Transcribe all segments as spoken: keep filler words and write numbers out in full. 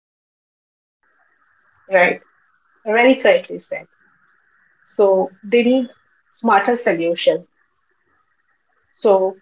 Hmm. Right, very correctly said. So, they need smarter solutions. So,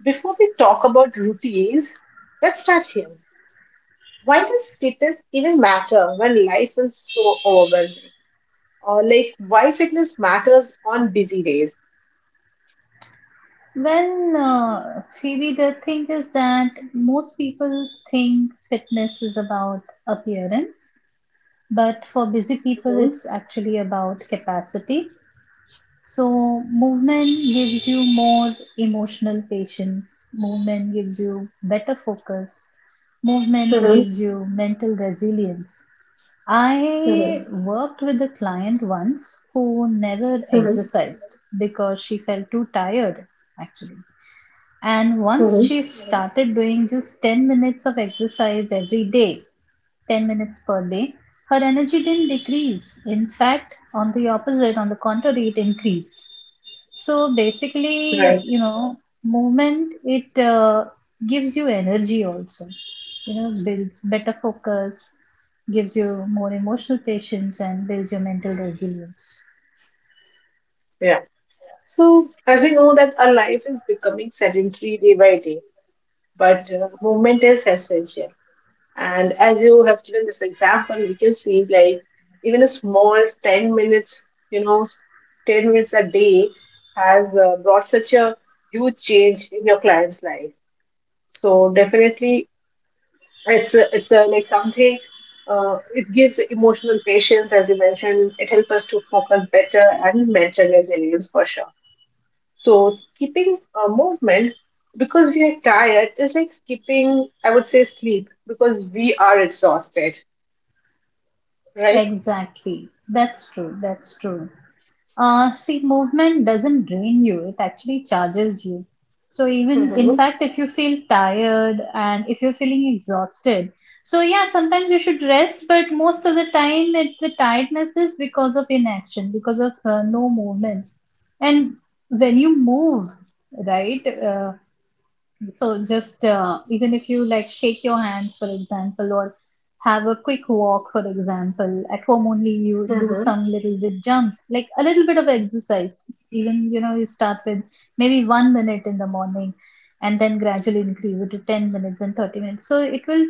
before we talk about routines, let's start here. Why does fitness even matter when life is so overwhelming? Uh, like, why fitness matters on busy days. Well, uh, Phoebe, the thing is that most people think fitness is about appearance, but for busy people, Mhm. it's actually about capacity. So, movement gives you more emotional patience, movement gives you better focus, movement Mhm. gives you mental resilience. I Mhm. worked with a client once who never Mhm. exercised because she felt too tired, actually. And once Mhm. she started doing just ten minutes of exercise every day, ten minutes per day, her energy didn't decrease. In fact, on the opposite, on the contrary, it increased. So basically, Right. you know, movement it uh, gives you energy also. You know, builds better focus, gives you more emotional patience, and builds your mental resilience. Yeah. So, as we know that our life is becoming sedentary day by day, but uh, movement is essential. And as you have given this example, we can see like even a small ten minutes, you know, s- ten minutes a day has uh, brought such a huge change in your client's life. So, definitely, It's a, it's a, like something. Uh, it gives emotional patience, as you mentioned. It helps us to focus better and mental resilience for sure. So skipping a movement because we are tired is like skipping, I would say, sleep because we are exhausted, right? Exactly, that's true. That's true. Uh, see, movement doesn't drain you, it actually charges you. So, even in Mm-hmm. fact, if you feel tired and if you're feeling exhausted, so yeah, sometimes you should rest, but most of the time, it, the tiredness is because of inaction, because of uh, no movement. And when you move, right, uh, so just uh, even if you like shake your hands, for example, or have a quick walk, for example, at home only you do Mm-hmm. some little bit jumps, like a little bit of exercise. Even you know you start with maybe one minute in the morning, and then gradually increase it to ten minutes and thirty minutes. So it will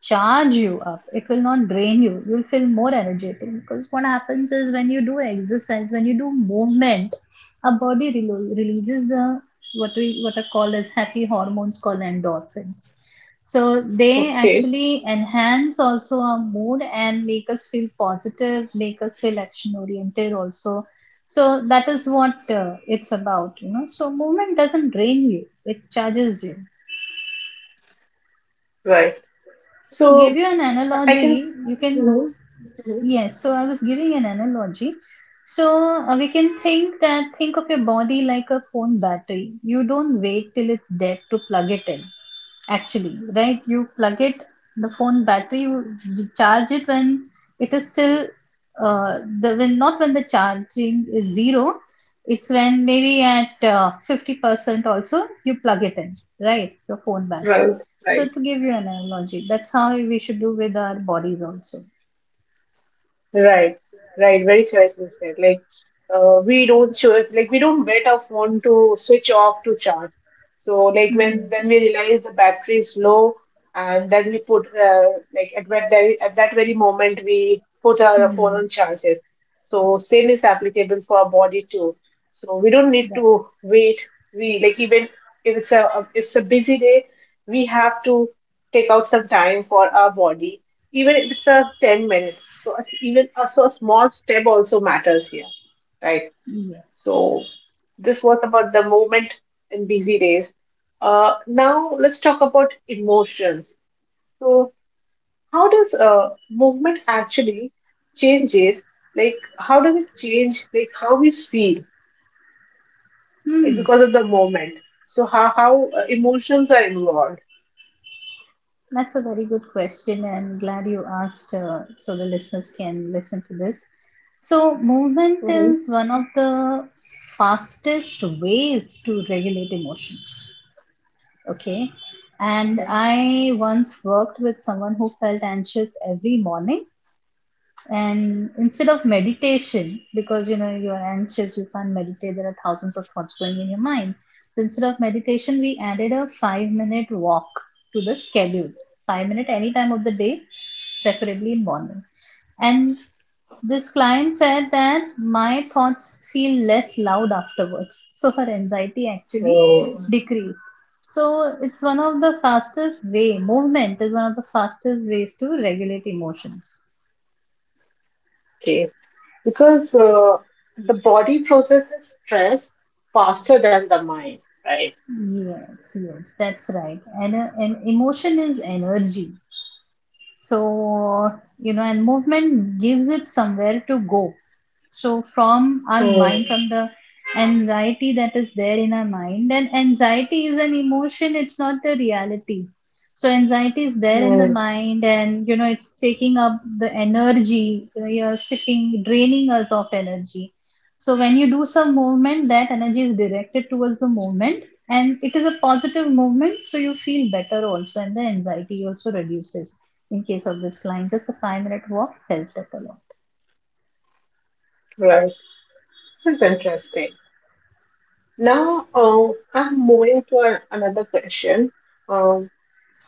charge you up, it will not drain you, you'll feel more energetic because what happens is when you do exercise, when you do movement, our body relo- releases the what we what are called as happy hormones called endorphins, so they Okay. actually enhance also our mood and make us feel positive, make us feel action oriented also. So that is what uh, it's about, you know, so movement doesn't drain you, it charges you. Right. To give So you an I I can. analogy, you can, Mm-hmm. Mm-hmm. yes, so I was giving an analogy. So uh, we can think that, think of your body like a phone battery. You don't wait till it's dead to plug it in, actually, right? You plug it, the phone battery, you charge it when it is still, uh, the when not when the charging is zero, it's when maybe at uh, fifty percent also you plug it in, right, your phone battery. Right. So Right. to give you an analogy, that's how we should do with our bodies also. Right, right, very correctly said. Like, uh, we don't cho- like we don't get our phone to switch off to charge. So, like, hmm. when when we realize the battery is low, and then we put uh, like at that very- at that very moment we put our phone on Hmm. charges. So, same is applicable for our body too. So, we don't need That, to wait. We, like, even if it's a if it's a busy day, we have to take out some time for our body even if it's a ten minute, so a s even a, so a small step also matters here, right? yes, So yes. this was about the movement in busy days. Uh, now let's talk about emotions. So how does uh, movement actually changes, like, how does it change, like, how we feel, like, hmm. because of the moment? So how how uh, emotions are involved. That's a very good question, and glad you asked, uh, so the listeners can listen to this. So, movement Hmm. is one of the fastest ways to regulate emotions. Okay. And I once worked with someone who felt anxious every morning, and instead of meditation, because you know you are anxious, you can't meditate, there are thousands of thoughts going in your mind, so instead of meditation we added a five minute walk to the schedule, five minute any time of the day, preferably in morning. And this client said that my thoughts feel less loud afterwards, so her anxiety So, actually okay, decreased. So it's one of the fastest way, movement is one of the fastest ways to regulate emotions. because uh, the body processes stress faster than the mind, right? Yes, yes, that's right. And, uh, and emotion is energy. So, you know, and movement gives it somewhere to go. So from our mind, Hmm. from the anxiety that is there in our mind, and anxiety is an emotion, it's not the reality, so anxiety is there in the Hmm. mind, and you know it's taking up the energy, you're sipping, draining us of energy. So when you do some movement, that energy is directed towards the movement, and it is a positive movement, so you feel better also, and the anxiety also reduces. In case of this client, just a five minute walk helped it a lot. Right. This is interesting. Now, uh, I'm moving to an, another question. Um,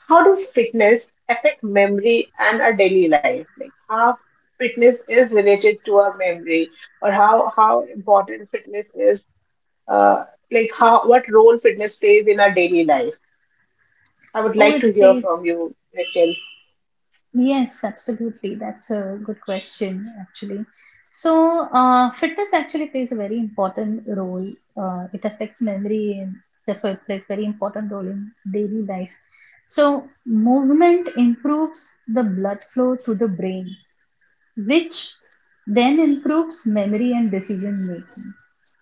how does fitness affect memory and our daily life? Like how fitness is related to our memory, or how how important fitness is. Uh, like, how what role fitness plays in our daily life. I would Oh, like it to hear from plays. you, Rachel. Yes, absolutely. That's a good question, actually. So, uh, fitness actually plays a very important role. Uh, it affects memory and therefore it plays very important role in daily life. So, movement improves the blood flow to the brain, which then improves memory and decision making.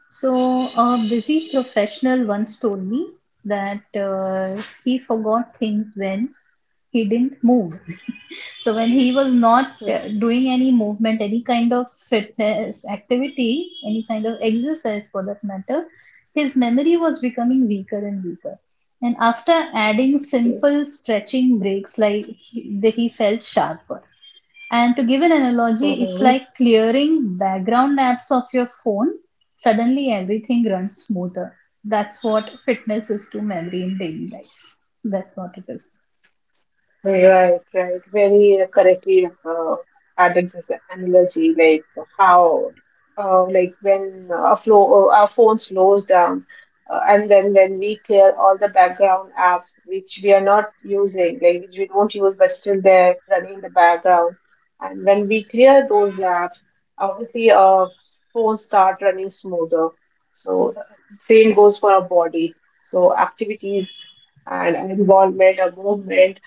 So, a busy professional once told me that uh, he forgot things when he didn't move. So when he was not uh, doing any movement, any kind of fitness activity, any kind of exercise for that matter, his memory was becoming weaker and weaker. And after adding Okay. simple stretching breaks, like he, he felt sharper. And to give an analogy, it's Hmm. like clearing background apps of your phone. Suddenly everything runs smoother. That's what fitness is to memory in daily life. That's what it is. Right, right. Very correctly uh, added this analogy, like how, uh, like when uh, a flow, uh, our phone slows down, uh, and then when we clear all the background apps which we are not using, like which we don't use but still they're running in the background, and when we clear those apps, obviously our phones start running smoother. So same goes for our body. So activities and involvement, a movement,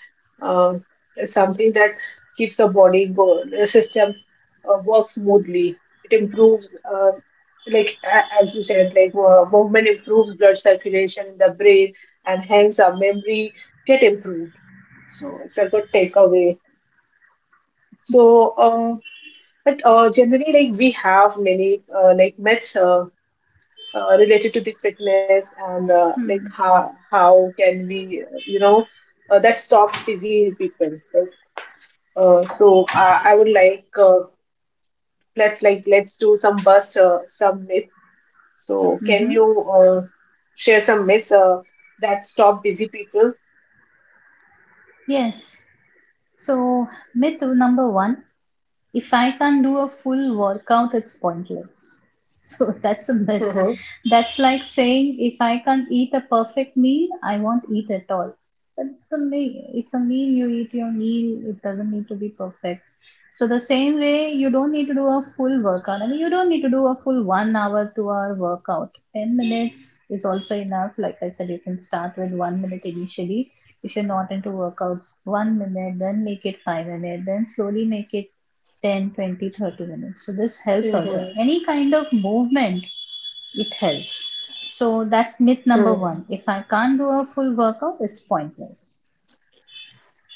uh, is something that keeps the body go- the system uh, work smoothly. It improves, uh, like, a- as you said, like, uh, movement improves blood circulation in the brain, and hence our memory get improved. So it's a good takeaway. So, uh, but uh, generally, like we have many uh, like myths. Uh, uh, related to the fitness, and uh, like Hmm. how how can we uh, you know uh, that stop busy people, like uh, so I, I would like, uh, let's like let's do some bust uh, some myth, so can Mm-hmm. you uh, share some myths uh, that stop busy people? Yes. So, myth number one, if I can't do a full workout, it's pointless. So that's a myth. Mm-hmm. That's like saying if I can't eat a perfect meal, I won't eat at all. But it's a meal. It's a meal. You eat your meal. It doesn't need to be perfect. So the same way, you don't need to do a full workout. I mean, you don't need to do a full one hour, two hour workout. Ten minutes is also enough. Like I said, you can start with one minute initially if you're not into workouts. One minute, then make it five minutes, then slowly make it ten, twenty, thirty minutes. So this helps also, any kind of movement, it helps. So that's myth number Mm-hmm. one, if I can't do a full workout, it's pointless.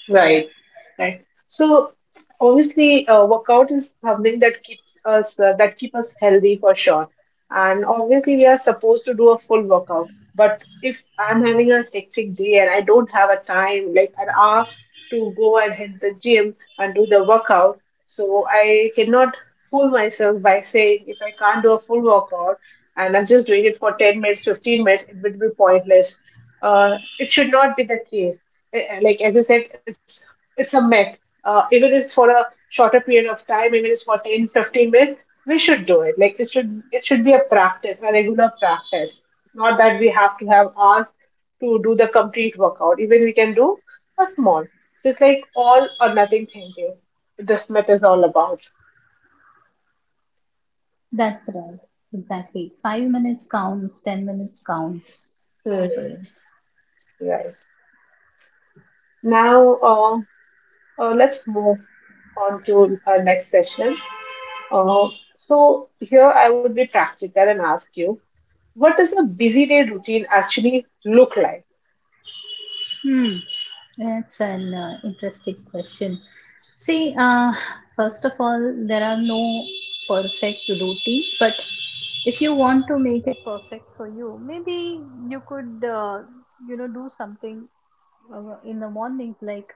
Right, right. So obviously, uh, workout is something that keeps us uh, that keep us healthy for sure. And obviously, we are supposed to do a full workout. But if I'm having a hectic day and I don't have a time, like an hour, to go and hit the gym and do the workout, so I cannot fool myself by saying if I can't do a full workout and I'm just doing it for ten minutes, fifteen minutes, it would be pointless. Uh, it should not be the case, eh, like as you said, it's it's a myth. Uh, even if it's for a shorter period of time, even if it's for ten, fifteen minutes, we should do it. Like, it should it should be a practice, a regular practice. It's not that we have to have hours to do the complete workout. Even we can do a small. So it's like all or nothing thinking. This myth is all about. That's right, exactly. five minutes counts, ten minutes counts. Hmm. So yes. Right. Now, uh, uh, let's move on to our next session. Uh, so here I would be practical and ask you, what does a busy day routine actually look like? Hmm, that's an uh, interesting question. See, uh, first of all, there are no perfect routines, but if you want to make it perfect for you, maybe you could, uh, you know, do something uh, in the mornings, like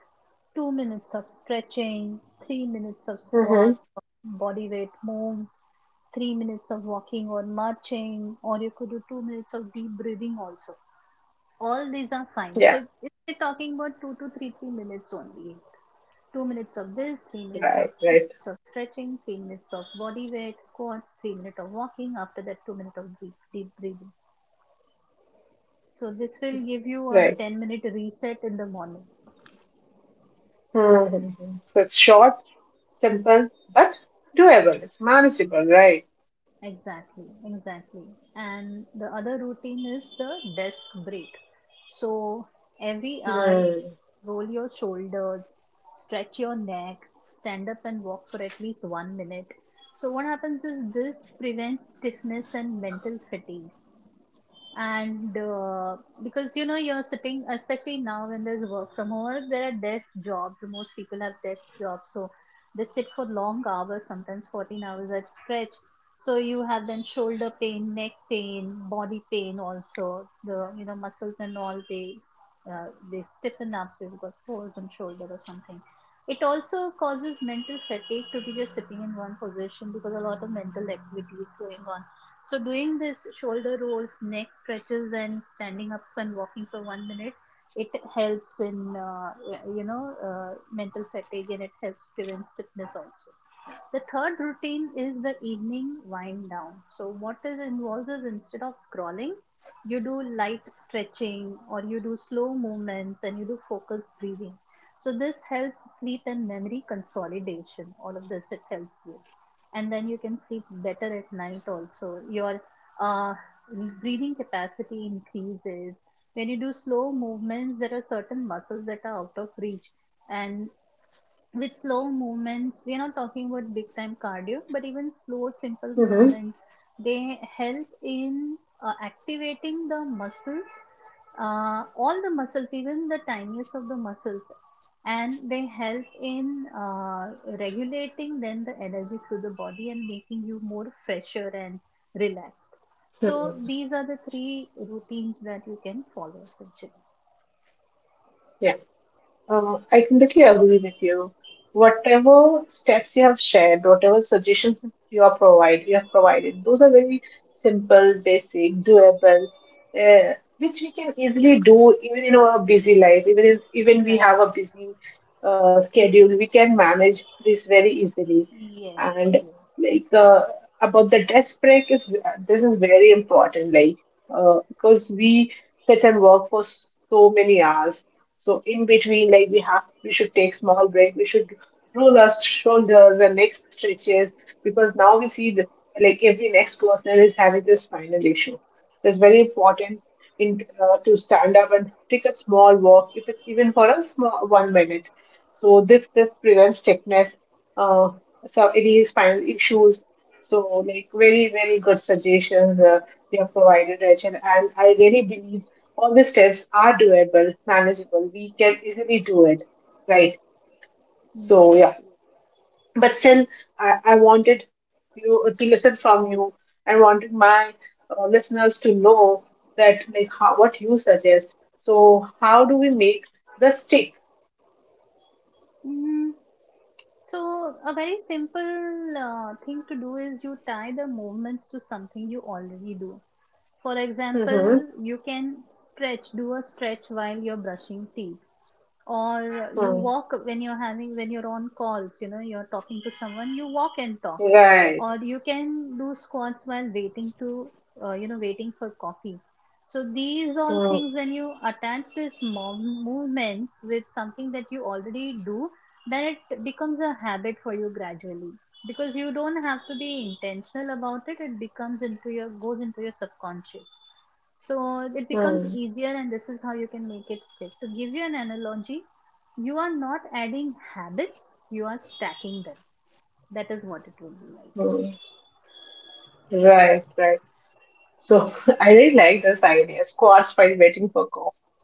two minutes of stretching, three minutes of Mm-hmm. squats, body weight moves, three minutes of walking or marching, or you could do two minutes of deep breathing also. All these are fine. So Yeah. if we're talking about two to three, three minutes only. Two minutes of this, three minutes of, Right, two right, minutes of stretching, three minutes of body weight squats, three minutes of walking. After that, two minutes of deep, deep breathing. So this will give you a right. ten minute reset in the morning. Mm-hmm. So it's short, simple, but doable. It's manageable, right? Exactly, exactly. And the other routine is the desk break. So every hour, Mm-hmm. roll your shoulders, stretch your neck, stand up and walk for at least one minute. So what happens is this prevents stiffness and mental fatigue. And uh, because you know you're sitting, especially now when there's work from home, there are desk jobs, most people have desk jobs, so they sit for long hours, sometimes fourteen hours at stretch. So you have then shoulder pain, neck pain, body pain also, the you know muscles and all, they uh, they stiffen up, so you've got folds on shoulder or something. It also causes mental fatigue to be just sitting in one position, because a lot of mental activities going on. So doing this shoulder rolls, neck stretches, and standing up and walking for one minute, it helps in uh, you know uh, mental fatigue, and it helps prevent stiffness also. The third routine is the evening wind down. So, what is involves is instead of scrolling, you do light stretching or you do slow movements and you do focused breathing. So, this helps sleep and memory consolidation. All of this, it helps you, and then you can sleep better at night also. Your uh, breathing capacity increases. When you do slow movements, there are certain muscles that are out of reach, and with slow movements we are not talking about big time cardio, but even slow simple Hmm. movements, they help in uh, activating the muscles, uh, all the muscles, even the tiniest of the muscles, and they help in uh, regulating then the energy through the body and making you more fresher and relaxed. So Yeah. these are the three routines that you can follow essentially. Uh, I completely agree with you. Whatever steps you have shared, whatever suggestions you are provide, you have provided, those are very simple, basic, doable, uh, which we can easily do even in our busy life. Even if even we have Right. a busy uh, schedule, we hmm. can manage this very easily. Yes, And, yes. like, uh, about the desk break is this is very important, like, uh, because we sit and work for so many hours. So in between, like, we have we should take small break, we should roll our shoulders and neck stretches, because now we see that like every next person is having this spinal issue. So it's very important in uh, to stand up and take a small walk, if it's even for a small one minute. So this this prevents stiffness, uh so any spinal issues. So like very very good suggestions, uh, you have provided, Rachel, and I really believe all the steps are doable, manageable. We can easily do it, right? So yes yeah, yes. but still, I, I wanted you, uh, to listen from you. I wanted my uh, listeners to know that, like, how, what you suggest. So how do we make the stick? Hmm. So, a very simple uh, thing to do is you tie the movements to something you already do. For Mm-hmm. example, you can stretch, do a stretch while you're brushing teeth, or you walk when you're having, when you're on calls, you know, you're talking to someone, you walk and talk, Right. or you can do squats while waiting to uh, you know waiting for coffee. So these all things, when you attach these mo- movements with something that you already do, then it becomes a habit for you gradually, because you don't have to be intentional about it, it becomes into your, goes into your subconscious. So it becomes Mm-hmm. easier, and this is how you can make it stick. To give you an analogy, you are not adding habits, you are stacking them. That is what it will be Right. Right. So I really like this idea, squats while waiting for coffee.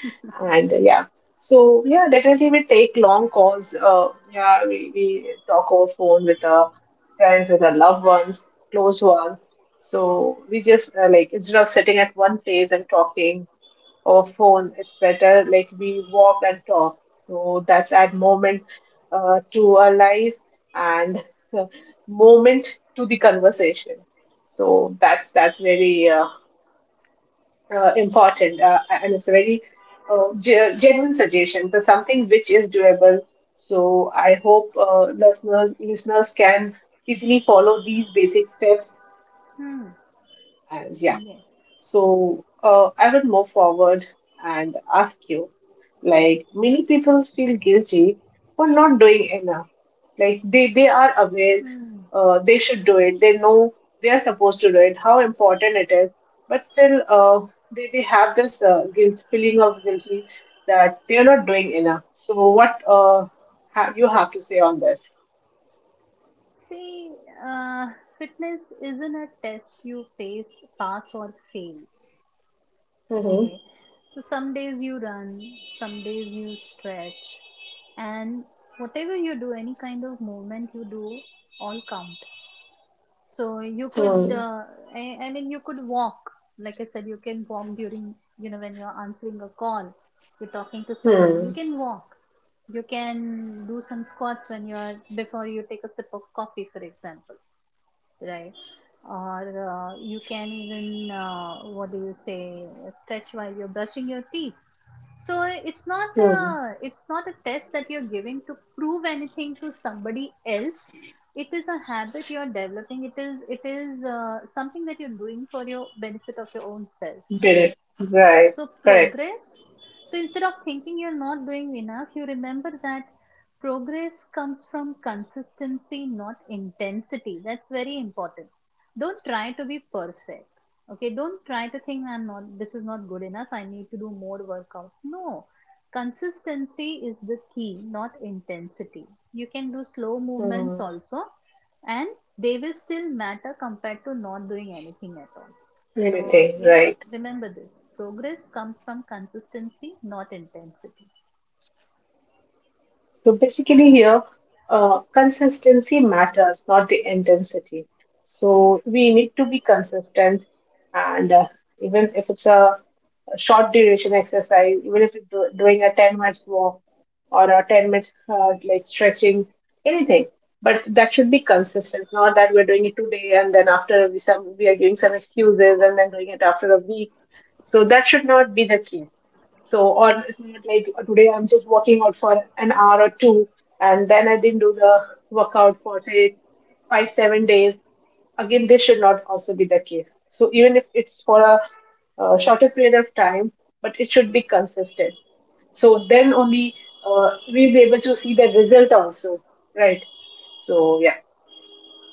like. And uh, yeah, Yes. so yeah, definitely we take long calls. Uh, yeah, we, we talk over phone with our friends, with our loved ones, close ones. So we just uh, like instead of sitting at one place and talking over phone, it's better like we walk and talk. So that's add moment uh, to our life, and moment to the conversation. So that's that's very uh, uh, important, uh, and it's a very uh, ge- genuine suggestion for something which is doable. So I hope uh, listeners listeners can easily follow these basic steps. Hmm. And yeah, Yes. so uh, I will move forward and ask you, like, many people feel guilty for not doing enough. Like, they, they are aware, Hmm. uh, they should do it. They know they are supposed to do it, how important it is. But still, uh, they, they have this uh, guilt, feeling of guilty that they are not doing enough. So what uh, ha- you have to say on this? See, uh, fitness isn't a test you face, pass or fail. Hmm. Okay. So some days you run, some days you stretch, and whatever you do, any kind of movement you do, all count. So you could, Hmm. uh, I, I mean, you could walk. Like I said, you can walk during, you know, when you're answering a call, you're talking to someone, you Hmm. can walk. You can do some squats when you're, before you take a sip of coffee, for example, right? Or uh, you can even, uh, what do you say, stretch while you're brushing your teeth. So it's not Hmm. a, it's not a test that you're giving to prove anything to somebody else. It is a habit you're developing. It is it is uh, something that you're doing for your benefit of your own self. Correct. Right. So, Correct. progress. So, instead of thinking you're not doing enough, you remember that progress comes from consistency, not intensity. That's very important. Don't try to be perfect. Okay, don't try to think I'm not, this is not good enough. I need to do more workout. No, consistency is the key, not intensity. You can do slow movements Hmm. also, and they will still matter compared to not doing anything at all. Let me So, think. yeah, Right. remember this, progress comes from consistency, not intensity. So basically, here, uh, consistency matters, not the intensity. So we need to be consistent, and uh, even if it's a short duration exercise, even if it's do- doing a ten minutes walk or a ten minutes, uh, like, stretching, anything. But that should be consistent, not that we're doing it today and then after we some we are giving some excuses and then doing it after a week. So that should not be the case. So, or it's not like today I'm just working out for an hour or two and then I didn't do the workout for say five, seven days. Again, this should not also be the case. So, even if it's for a, uh, shorter period of time, but it should be consistent. So, then only uh, we'll be able to see the result also, right? So, yeah,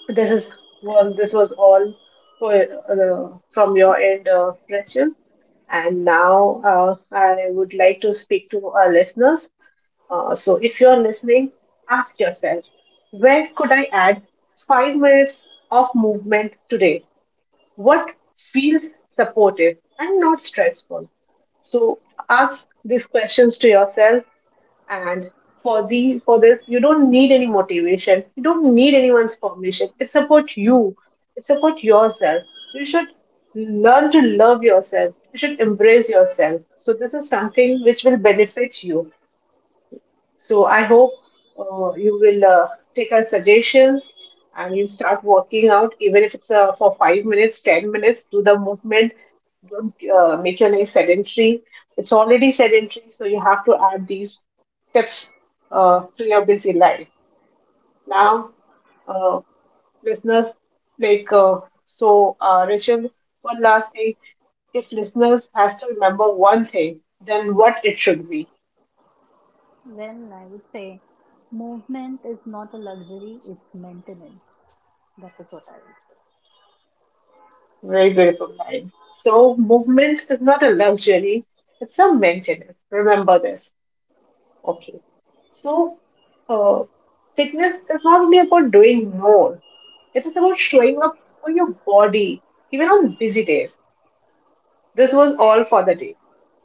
this is well, That's this right. was all for, uh, from your end, uh, Rachel. And now uh, I would like to speak to our listeners. Uh, so if you're listening, ask yourself, where could I add five minutes of movement today? What feels supportive and not stressful? So ask these questions to yourself, and for the for this, you don't need any motivation. You don't need anyone's permission. It's about you. It's about yourself. You should learn to love yourself. You should embrace yourself. So this is something which will benefit you. So I hope uh, you will uh, take our suggestions, and you'll start working out, even if it's uh, for five minutes, ten minutes. Do the movement. Don't uh, make your leg sedentary. It's already sedentary, so you have to add these steps uh, to your busy life. Now, uh, listeners, like uh, so, uh, Rachel. One last thing: if listeners has to remember one thing, then what it should be? Well, I would say movement is not a luxury, it's maintenance. That is what I would say. Very beautiful mind. So movement is not a luxury, it's a maintenance. Remember this. Okay. So uh, fitness is not only about doing more, it is about showing up for your body, even on busy days. This was all for the day.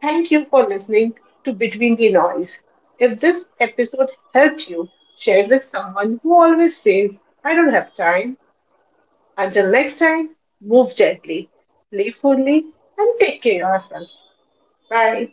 Thank you for listening to Between the Noise. If this episode helped you, share it with someone who always says, I don't have time until next time, move gently, playfully, and take care of yourself. Bye.